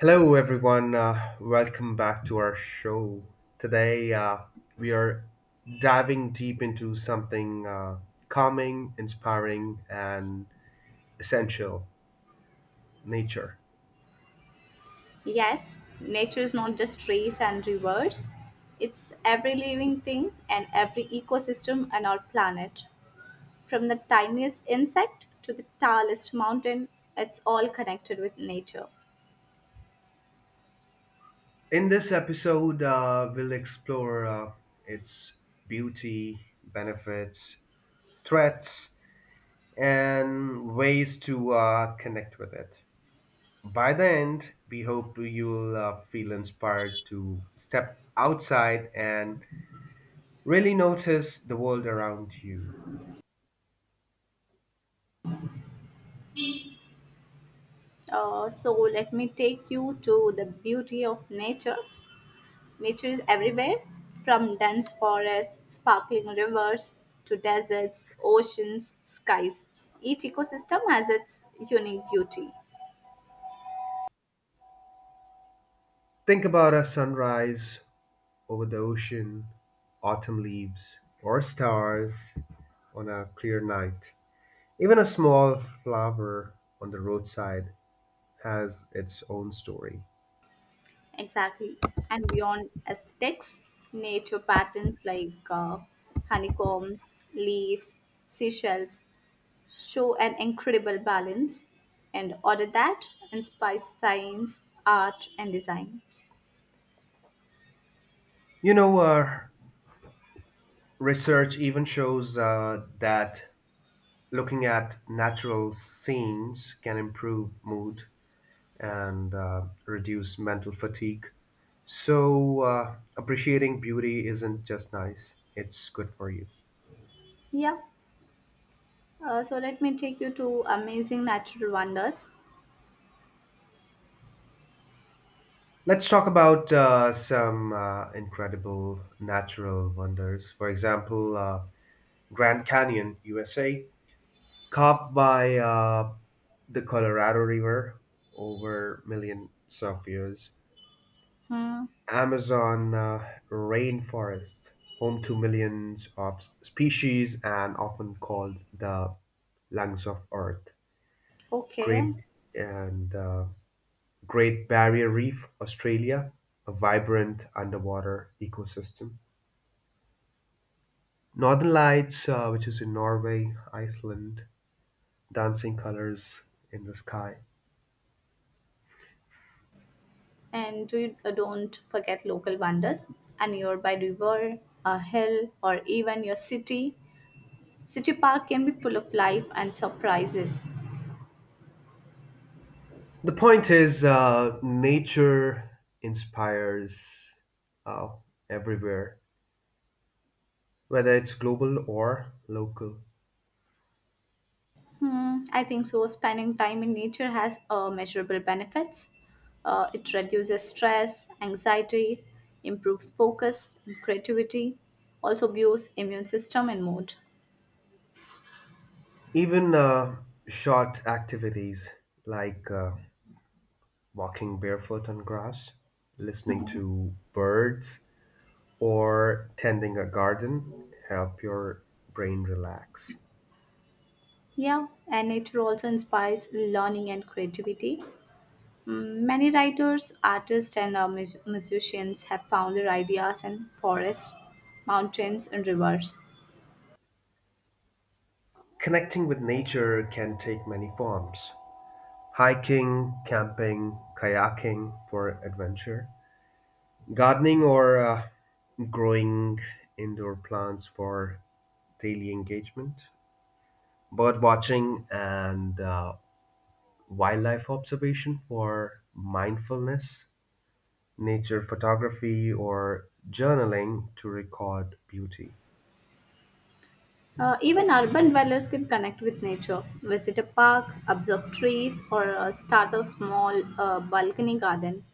Hello, everyone. Welcome back to our show. Today, we are diving deep into something calming, inspiring, and essential nature. Yes, nature is not just trees and rivers. It's every living thing and every ecosystem on our planet. From the tiniest insect to the tallest mountain, it's all connected with nature. In this episode, we'll explore its beauty, benefits, threats, and ways to connect with it. By the end, we hope you'll feel inspired to step outside and really notice the world around you. So let me take you to the beauty of nature. Nature is everywhere, from dense forests, sparkling rivers, to deserts, oceans, skies. Each ecosystem has its unique beauty. Think about a sunrise over the ocean, autumn leaves, or stars on a clear night. Even a small flower on the roadside has its own story. Exactly. And beyond aesthetics, nature patterns like honeycombs, leaves, seashells show an incredible balance and order that inspires science, art, and design. You know, uh, research even shows that looking at natural scenes can improve mood and reduce mental fatigue. So, appreciating beauty isn't just nice, it's good for you. Yeah. So let me take you to amazing natural wonders. Let's talk about some incredible natural wonders. For example, Grand Canyon, USA, carved by the Colorado River over millions of years. Hmm. Amazon rainforest, home to millions of species and often called the lungs of Earth. Okay. Great and Great Barrier Reef, Australia, a vibrant underwater ecosystem. Northern Lights, which is in Norway, Iceland, dancing colors in the sky. And don't forget local wonders, a nearby river, a hill, or even your City Park can be full of life and surprises. The point is, nature inspires uh, everywhere, whether it's global or local. Hmm, I think so. Spending time in nature has measurable benefits. It reduces stress, anxiety, improves focus and creativity, also boosts immune system and mood. Even short activities like walking barefoot on grass, listening to birds, or tending a garden help your brain relax. Yeah, and nature also inspires learning and creativity. Many writers, artists, and musicians have found their ideas in forests, mountains, and rivers. Connecting with nature can take many forms: hiking, camping, kayaking for adventure, gardening, or growing indoor plants for daily engagement, bird watching, and wildlife observation for mindfulness, nature photography, or journaling to record beauty. Even urban dwellers can connect with nature, visit a park, observe trees, or start a small balcony garden,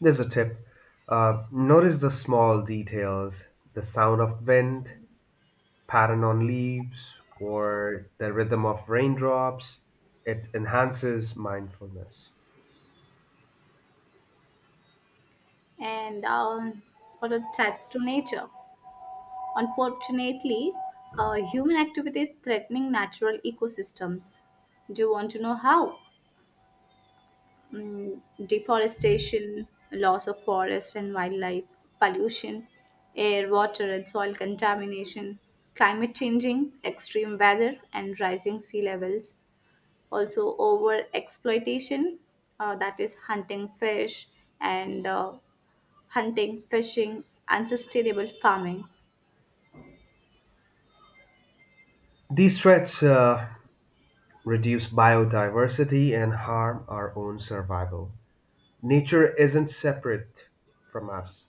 There's a tip. Notice the small details, the sound of wind, pattern on leaves, or the rhythm of raindrops. It enhances mindfulness. and or attach to nature. Unfortunately, human activity is threatening natural ecosystems. Do you want to know how? Mm, deforestation, loss of forest and wildlife, pollution, air, water, and soil contamination, climate changing, extreme weather, and rising sea levels, also over exploitation, that is hunting fish and hunting fishing, unsustainable farming. These threats reduce biodiversity and harm our own survival. Nature isn't separate from us,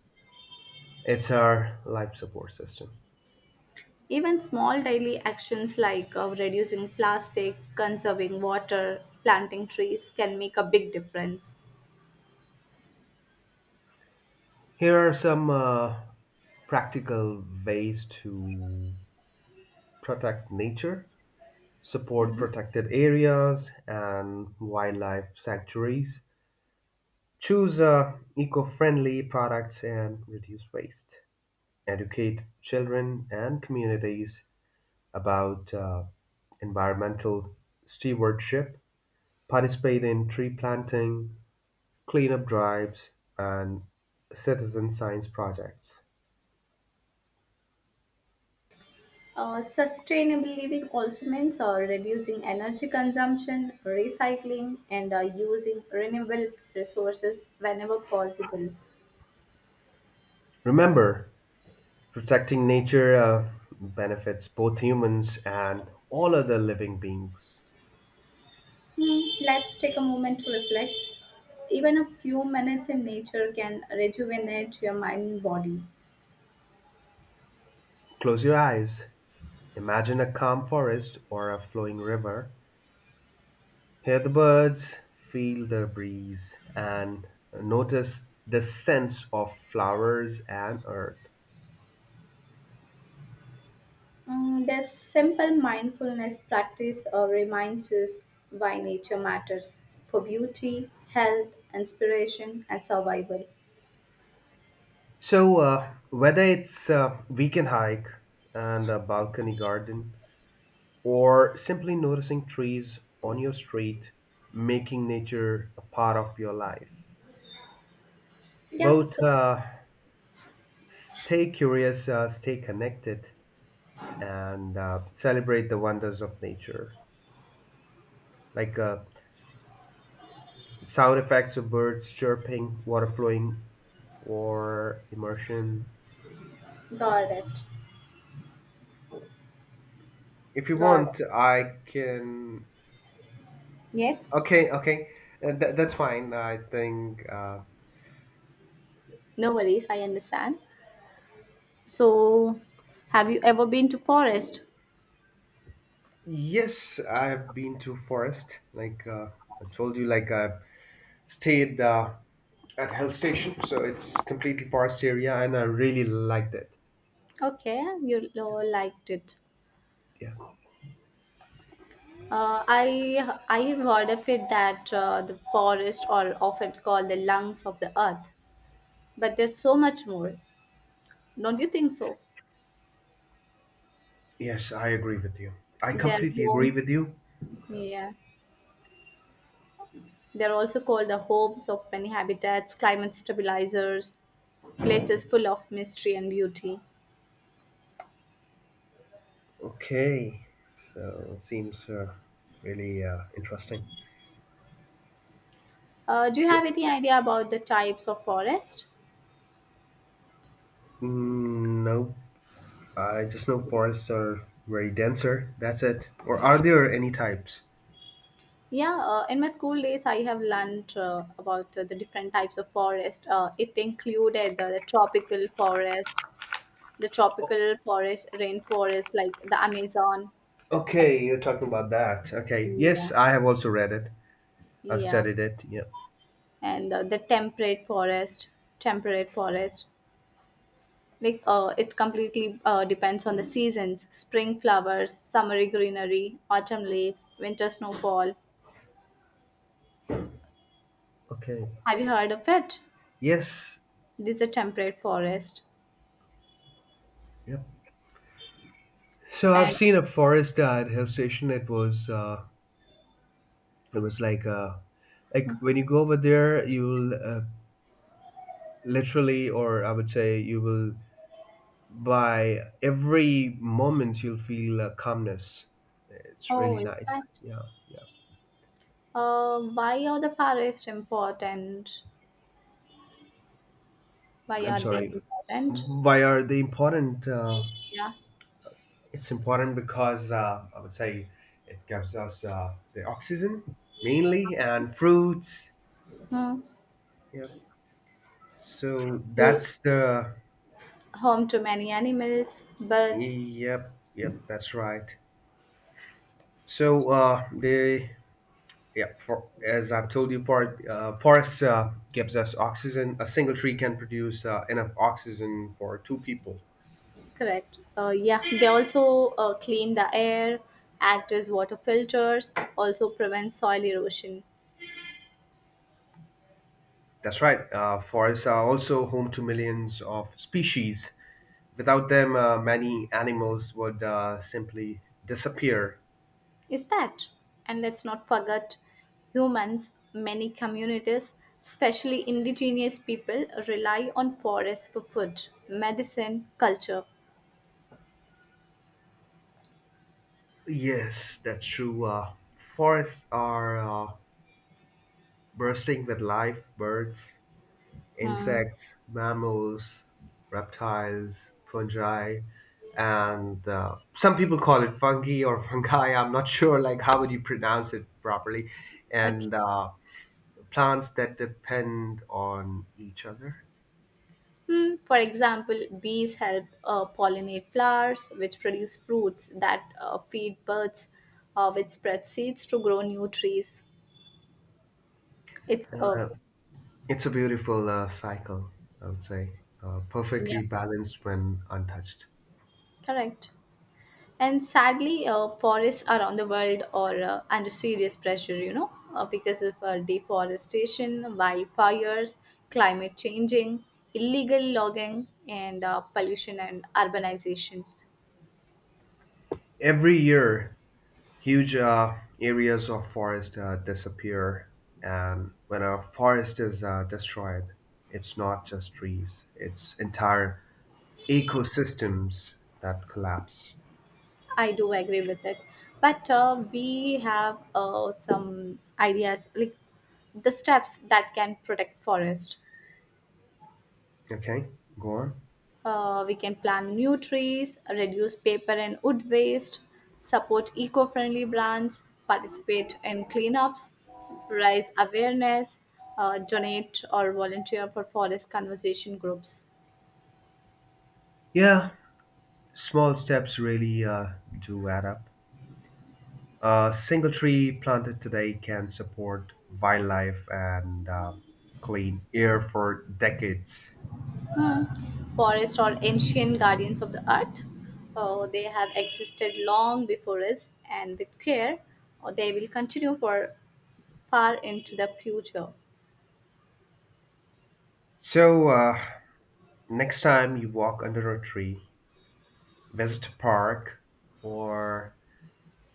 it's our life support system. Even small daily actions like reducing plastic, conserving water, planting trees can make a big difference. Here are some practical ways to protect nature. Support protected areas and wildlife sanctuaries, choose eco-friendly products and reduce waste, educate children and communities about environmental stewardship, participate in tree planting, cleanup drives, and citizen science projects. Sustainable living also means reducing energy consumption, recycling, and using renewable resources whenever possible. Remember, protecting nature benefits both humans and all other living beings. Hmm, let's take a moment to reflect. Even a few minutes in nature can rejuvenate your mind and body. Close your eyes. Imagine a calm forest or a flowing river. Hear the birds, feel the breeze, and notice the sense of flowers and earth. This simple mindfulness practice reminds us why nature matters for beauty, health, inspiration, and survival. So, whether it's a weekend hike and a balcony garden, or simply noticing trees on your street, making nature a part of your life, Yeah, both so stay curious, stay connected, and celebrate the wonders of nature. Like sound effects of birds chirping, water flowing for immersion. got it. If you Got it. want, I can. Yes, Okay, okay, that's fine. I think no worries, I understand. So, have you ever been to forest? yes, I have been to forest. Like I told you, like I stayed at hill station, so it's completely forest area, and I really liked it. Okay, you liked it. Yeah. I've heard of it that the forests are often called the lungs of the earth, but there's so much more. Don't you think so? Yes, I agree with you. I Their completely agree homes, with you. yeah, they're also called the homes of many habitats, climate stabilizers, places full of mystery and beauty. Okay, so seems really interesting. Do you have any idea about the types of forest? Mm, no, I just know forests are very denser. That's it. Or are there any types? Yeah, in my school days, I have learned about the different types of forest. It included the tropical forest, The O- tropical forest, rainforest like the Amazon. and- Okay, you're talking about that. Okay. Yes, yeah, I have also read it. I've yeah, studied it. Yeah. and the temperate forest. Like it completely depends on the seasons: spring flowers, summery greenery, autumn leaves, winter snowfall. Okay. Have you heard of it? Yes. This is a temperate forest, Yep. So I've and seen a forest at hill station. It was like when you go over there, you'll literally, or I would say, you will, by every moment you'll feel a calmness. It's oh, really is nice, that? yeah. Yeah. Why are the forests important? Why I'm are they sorry. important? Why are they important? Yeah. It's important because I would say it gives us the oxygen mainly and fruits. Hmm. Yep, so Roots, that's the. home to many animals, birds. Yep, yep, that's right. so the Yeah, as I've told you, forests gives us oxygen. A single tree can produce enough oxygen for 2 people. Correct. Yeah, they also clean the air, act as water filters, also prevent soil erosion. That's right. Forests are also home to millions of species. Without them, many animals would simply disappear. Is that? And let's not forget humans, many communities, especially indigenous people, rely on forests for food, medicine, culture. Yes, that's true. Forests are bursting with life: birds, Hmm. insects, mammals, reptiles, fungi, and some people call it fungi or fungi. I'm not sure, like how would you pronounce it properly, Okay. and plants that depend on each other. For example, bees help pollinate flowers, which produce fruits that feed birds, which spread seeds to grow new trees. It's, Uh, it's a beautiful cycle, I would say, yeah, perfectly balanced when untouched. correct. And sadly, forests around the world are under serious pressure, because of deforestation, wildfires, climate changing, illegal logging, and pollution and urbanization. Every year, huge areas of forest disappear, and when a forest is destroyed, it's not just trees, it's entire ecosystems that collapse. I do agree with it. But we have some ideas like the steps that can protect forest. Okay, go on. We can plant new trees, reduce paper and wood waste, support eco-friendly brands, participate in cleanups, raise awareness, donate or volunteer for forest conservation groups. Yeah, small steps really do add up. A single tree planted today can support wildlife and clean air for decades. Forests are ancient guardians of the earth. They have existed long before us, and with care, they will continue for far into the future. So, next time you walk under a tree, West Park, or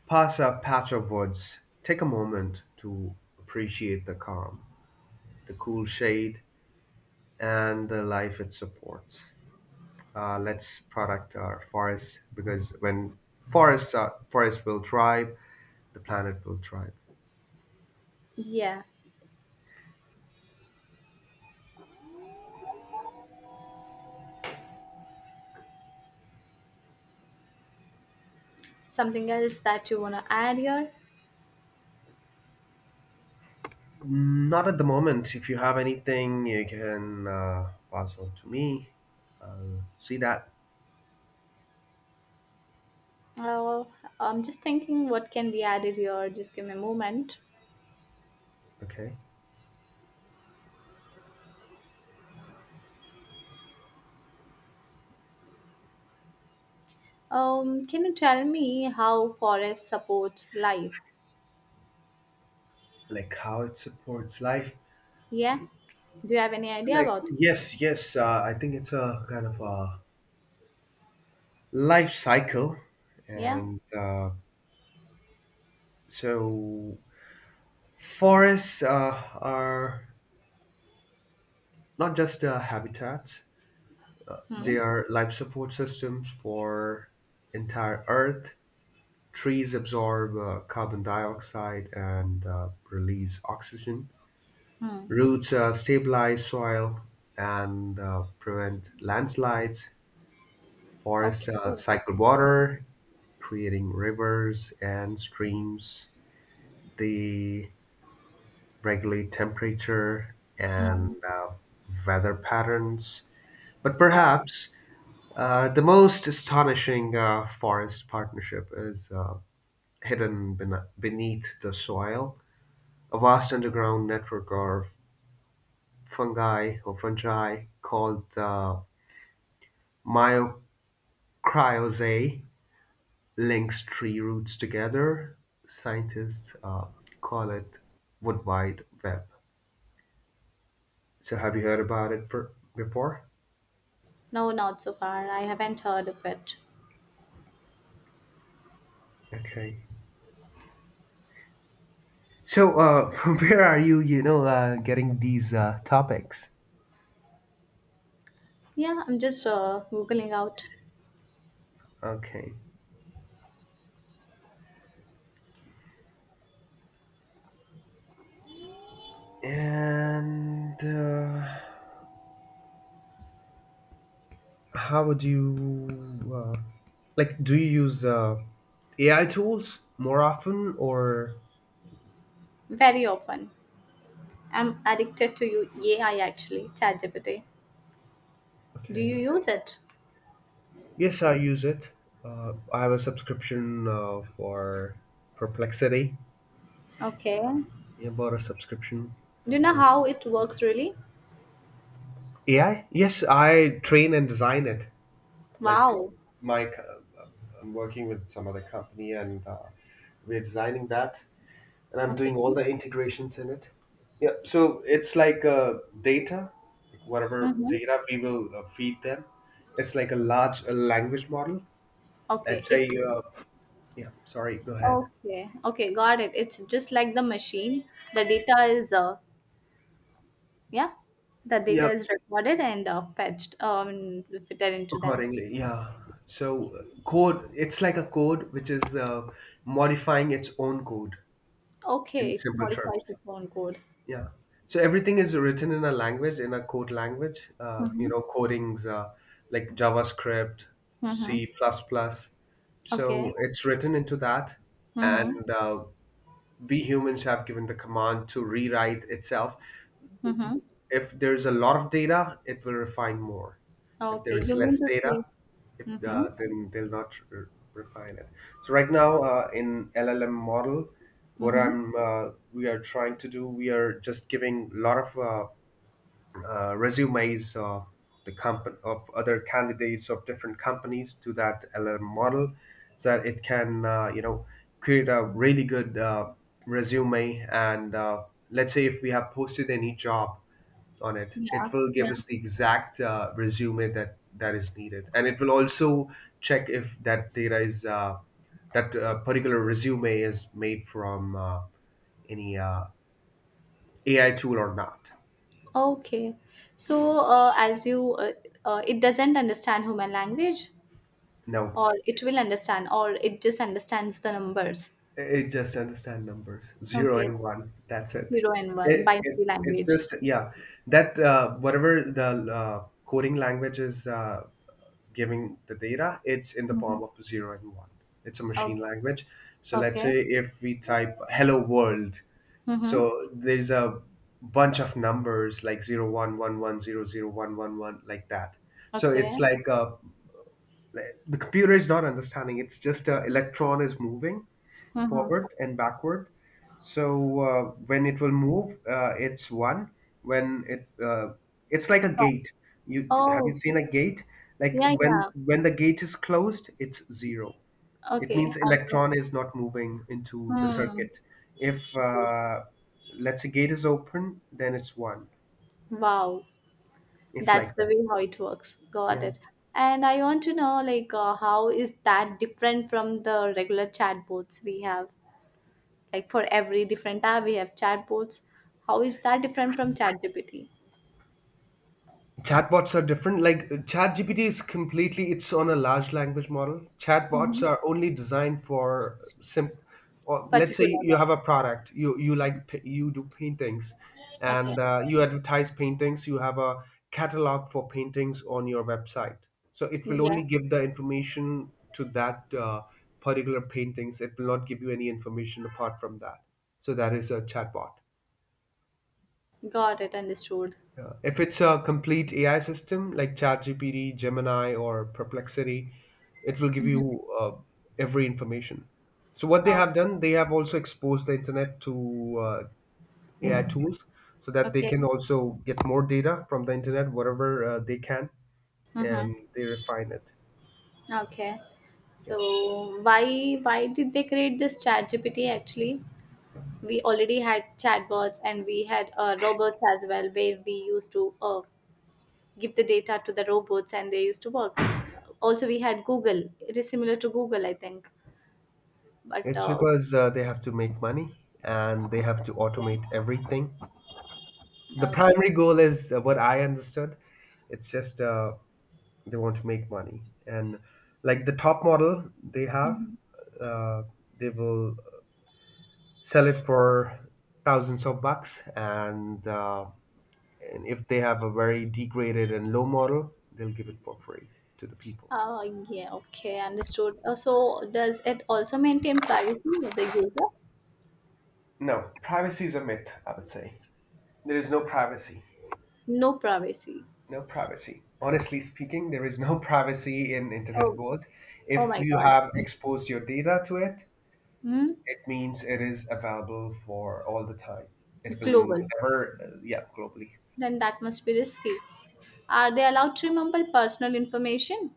past a patch of Woods, take a moment to appreciate the calm, the cool shade, and the life it supports. Let's protect our forests, because when forests will thrive, the planet will thrive. Yeah. Something else that you want to add here? Not at the moment. If you have anything, you can pass on to me. I'll see that. Uh, I'm just thinking what can be added here. Just give me a moment. Okay, Can you tell me how forests support life? like how it supports life. Yeah. Do you have any idea Like, about it? yes, yes, I think it's a kind of a life cycle, Yeah. and so forests are not just habitats, Hmm. they are life support systems for entire earth. Trees absorb carbon dioxide and release oxygen. Hmm. Roots stabilize soil and prevent landslides. Forests Okay. Cycle water, creating rivers and streams. They regulate temperature and Hmm. Weather patterns. But Got it. perhaps the most astonishing forest partnership is hidden beneath the soil. A vast underground network of fungi or fungi called the myocryozae links tree roots together. Scientists call it woodwide web. So have you heard about it before? No, not so far. I haven't heard of it. Okay. So from where are you? You know, getting these topics. Yeah, I'm just googling out Okay. And how would you like? Do you use AI tools more often, or very often. I'm addicted to you AI actually, ChatGPT. Do okay? you use it? Yes, I use it. I have a subscription for Perplexity. Okay. Do Yeah, I bought a subscription. you know Yeah. how it works really? AI? Yes, I train and design it. Like Wow. my co- uh, I'm working with some other company, and we're designing that, and I'm Okay. doing all the integrations in it. Yeah, so it's like data, like whatever Mm-hmm. data we will feed them. It's like a large language model. Okay. Let's It's say, yeah, sorry, go ahead. okay. Okay, got it. It's just like the machine. The data is yeah, the Yeah, data is recorded and fetched, fitted into them. accordingly, yeah. So code, it's like a code which is modifying its own code in Okay, it simple terms. modifies its own code. Yeah. So everything is written in a language, in a code language. You Mm-hmm. know, codings like JavaScript, Mm-hmm. C++. Plus plus. So Okay. it's written into that, Mhm. and we humans have given the command to rewrite itself. Mhm. If there's a lot of data, it will refine more. If there Okay, is you mean less to data, say if mhm. then they'll not re- refine it. So right now in LLM model, what Mhm. I'm we are trying to do, we are just giving a lot of resumes of of other candidates of different companies to that LLM model, so that it can, you know, create a really good resume. And let's say if we have posted any job on it, Yeah. it will give Yeah. us the exact resume that is needed, and it will also check if that data is that particular resume is made from any AI tool or not. Okay. So, as you it doesn't understand human language, No. or it will understand, or it just understands the numbers. It just understand numbers, zero Okay. and one. That's it. 0 and 1 It, it's binary it's language. just yeah. That whatever the coding language is giving the data, it's in the Mhm. form of 0 and 1. It's a machine Okay. language. So let's Okay. say if we type "hello world," Mhm. so there's a bunch of numbers like 0 1 1 1 0 0 1 1 1, like that. So Okay. it's like a like, the computer is not understanding, it's just a electron is moving Mhm. forward and backward. So when it will move, it's one. When it it's like a So- gate. Have you Oh, seen a gate? Like yeah, when yeah. The gate is closed, it's zero. It Okay. means Um, electron is not moving into the hmm. circuit. If Right. Let's say gate is open, then it's one. Wow. It's That's like the that, way how it works. Got yeah. it. And I want to know, like, how is that different from the regular chatbots we have? Like, for every different tab, we have chatbots. How is that different from ChatGPT? Chatbots are different. Like ChatGPT is completely, it's on a large language model. Chatbots Mm-hmm. are only designed for simple. Or let's say Particular you have a ones. product. You you do paintings, Okay. and you advertise paintings. You have a catalog for paintings on your website. So it will only Yeah. give the information to that particular paintings. It will not give you any information apart from that. So that is a chatbot. Got it. Understood. Yeah. If it's a complete AI system like ChatGPT, Gemini, or Perplexity, it will give you Mm-hmm. Every information. So what they Oh, have done, they have also exposed the internet to AI tools, so that they okay. can also get more data from the internet, whatever they can, Mm-hmm. and they refine it. Okay. Yeah, So why did they create this ChatGPT actually? We already had chatbots, and we had robots as well, where we used to give the data to the robots and they used to work. Also, we had Google. It is similar to Google, I think, but it's because they have to make money and they have to okay, automate everything. The okay. primary goal is what I understood. It's just they want to make money and like the top model they have Mhm. uh, they will sell it for thousands of bucks and if they have a very degraded and low model, they'll give it for free to the people. uh, yeah, okay, understood. So, does it also maintain privacy of the user? No, privacy is a myth, I would say. There is no privacy. No privacy. No privacy, honestly speaking, there is no privacy in internet Oh. world Oh if my you god. have exposed your data to it. Hmm? It means it is available for all the time. It will Global. never, yeah, globally. Then that must be risky. Are they allowed to remember personal information?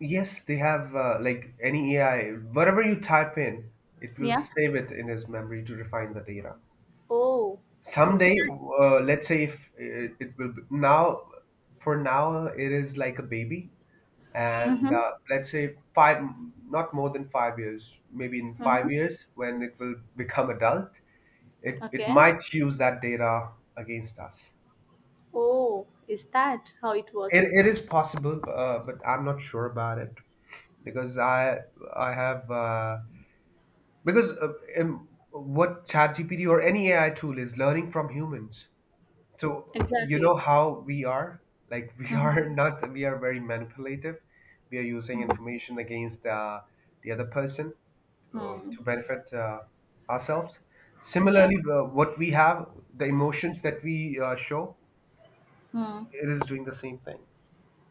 Yes, they have like any AI, whatever you type in, it will Yeah. save it in its memory to refine the data. Oh. Is Someday, that? Let's say if it will be, for now, it is like a baby. And Mm-hmm. Let's say not more than 5 years, maybe in Mm-hmm. 5 years when it will become adult, it Okay. might use that data against us. Oh, is that how it works? It is possible, but I'm not sure about it because I have because in what ChatGPT or any AI tool is learning from humans. So you Exactly. know how we are like we Mm-hmm. are not we are very manipulative. We are using Mm-hmm. information against the other person Hmm. to benefit ourselves. Yeah. Similarly, what we have, the emotions that we show, Hmm. it is doing the same thing.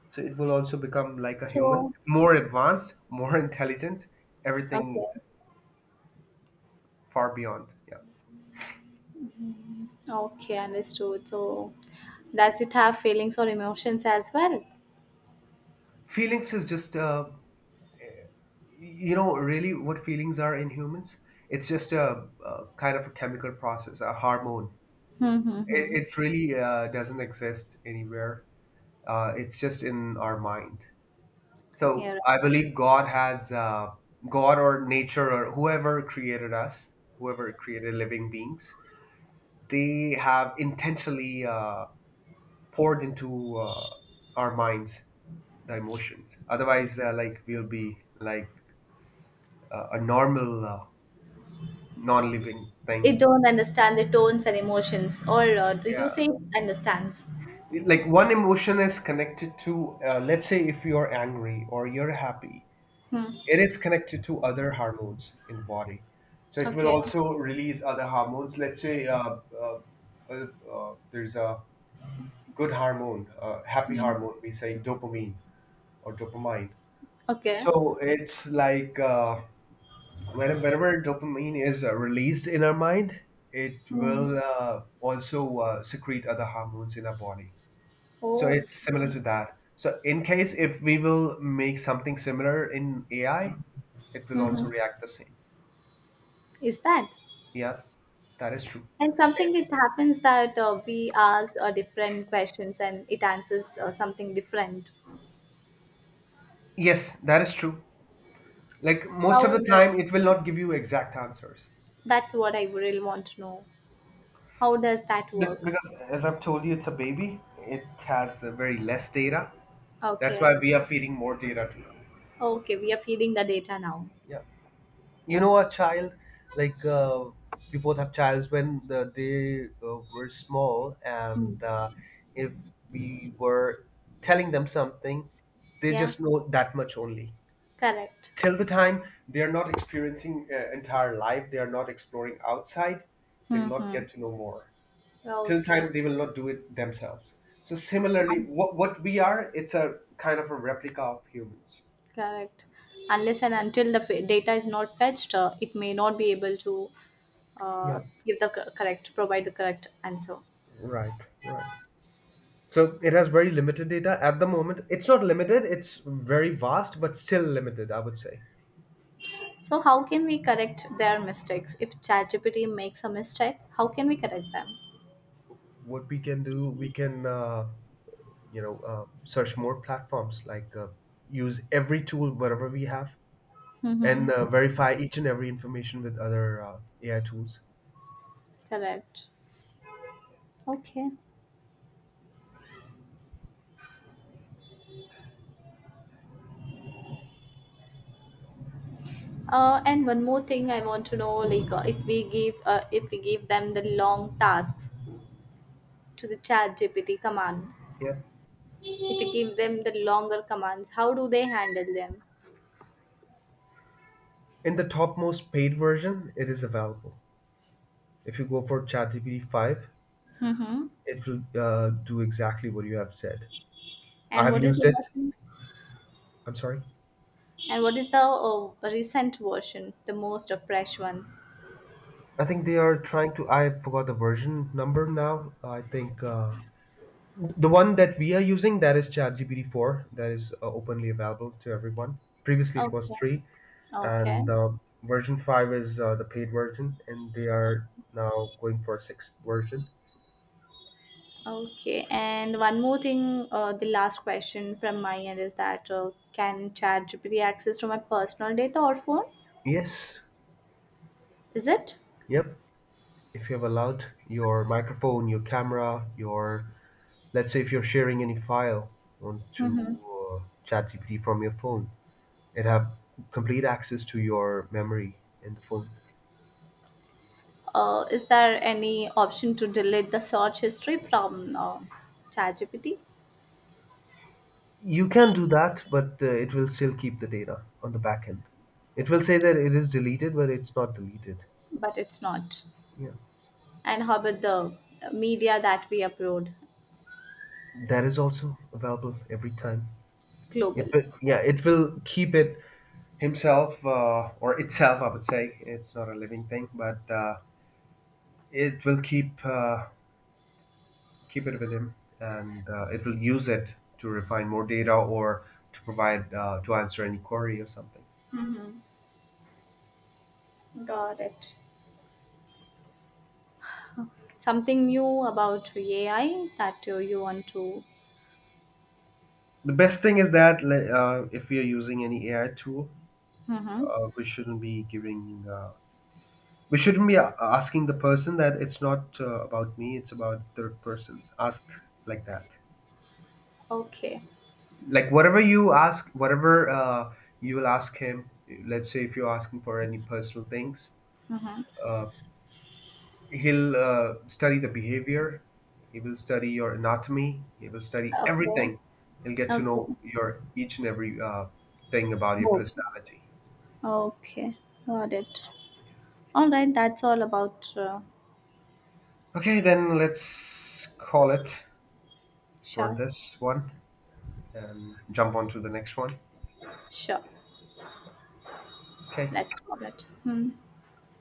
So it will also become like a human, So, more advanced, more intelligent, everything okay. far beyond. Yeah. Okay, understood. So, does it have feelings or emotions as well? Feelings is just, you know, really what feelings are in humans. It's just a kind of a chemical process, a hormone. Mm-hmm. It really doesn't exist anywhere. It's just in our mind. So Yeah, I right. believe God has God or nature or whoever created us, whoever created living beings, they have intentionally. Poured into our minds the emotions, otherwise like we'll be like a normal non-living thing. It don't understand the tones and emotions, or do Yeah, you say it understands? like one emotion is connected to let's say if you're angry or you're happy, Hmm. it is connected to other hormones in the body, so it will Okay. also release other hormones. Let's say uh, there's a good hormone, happy Hmm. hormone, we say dopamine or dopamine. Okay. So it's like whenever dopamine is released in our mind, it Hmm. will also secrete other hormones in our body. So Oh. it's similar to that. So in case if we will make something similar in AI, it will Mm-hmm. also react the same. Is that? Yeah, that is true. And something, it happens that we ask different questions and it answers something different. Yes, that is true. Like most of How the does time, it will not give you exact answers. That's what I really want to know. How does that work? Because as I've told you, it's a baby. It has very less data. That's Okay. why we are feeding more data to them. Okay, we are feeding the data now. Yeah, you know a child, like we both have childs when they were small Hmm. and if we were telling them something, they Yeah, just know that much only. correct. Till the time they are not experiencing entire life, they are not exploring outside, they'll not Mm-hmm. get to know more. Till the Okay. time they will not do it themselves. So similarly, Un- what we are, it's a kind of a replica of humans. Correct. Yeah, Unless and until the data is not fetched, it may not be able to yeah. uh, give the correct, provide the correct answer. Right, right. So it has very limited data at the moment. It's not limited, it's very vast, but still limited, I would say. So, how can we correct their mistakes? If ChatGPT makes a mistake, how can we correct them? What we can do, we can, search more platforms, like use every tool, whatever we have, and Mm-hmm. verify each and every information with other AI tools. Correct. Okay. And one more thing I want to know, like, if we give them the long tasks to the ChatGPT command, Yeah. if we give them the longer commands, how do they handle them? In the topmost paid version, it is available. If you go for ChatGPT 5, Mm-hmm. it will do exactly what you have said. I And have what is used the it. version? I'm sorry. And what is the recent version, the most fresh one? I think they are trying to. I forgot the version number now. I think the one that we are using, that is ChatGPT four. That is openly available to everyone. Previously, it was Okay. three, Okay. and version five is the paid version, and they are now going for a sixth version. Okay, and one more thing, the last question from my end is that can ChatGPT access to my personal data or phone? Yes. Is it? Yep. If you have allowed your microphone, your camera, your, let's say if you're sharing any file onto Mm-hmm. ChatGPT from your phone, it have complete access to your memory in the phone. Is there any option to delete the search history from ChatGPT? You can do that, but it will still keep the data on the back end. It will say that it is deleted, but it's not deleted. But it's not. Yeah, And how about the media that we upload? that is also available every time. Global. It will, yeah, it will keep it himself, or itself, I would say. It's not a living thing, but it will keep it with him, and it will use it to refine more data or to provide to answer any query or something. Got it. Something new about AI that you want to. The best thing is that if we are using any AI tool, Mm-hmm. We shouldn't be we shouldn't be asking the person that it's not about me, it's about third person. Ask like that. Okay. Like whatever you ask, whatever you will ask him, let's say if you're asking for any personal things, Mm-hmm. uh, he'll study the behavior, he will study your anatomy, he will study Okay. everything. He'll get to know Okay. your each and every thing about your Move. personality. Okay, got it. All right, that's all about Okay, then let's call it for sure, this one and jump on to the next one. sure. Okay. Let's call it. Hmm.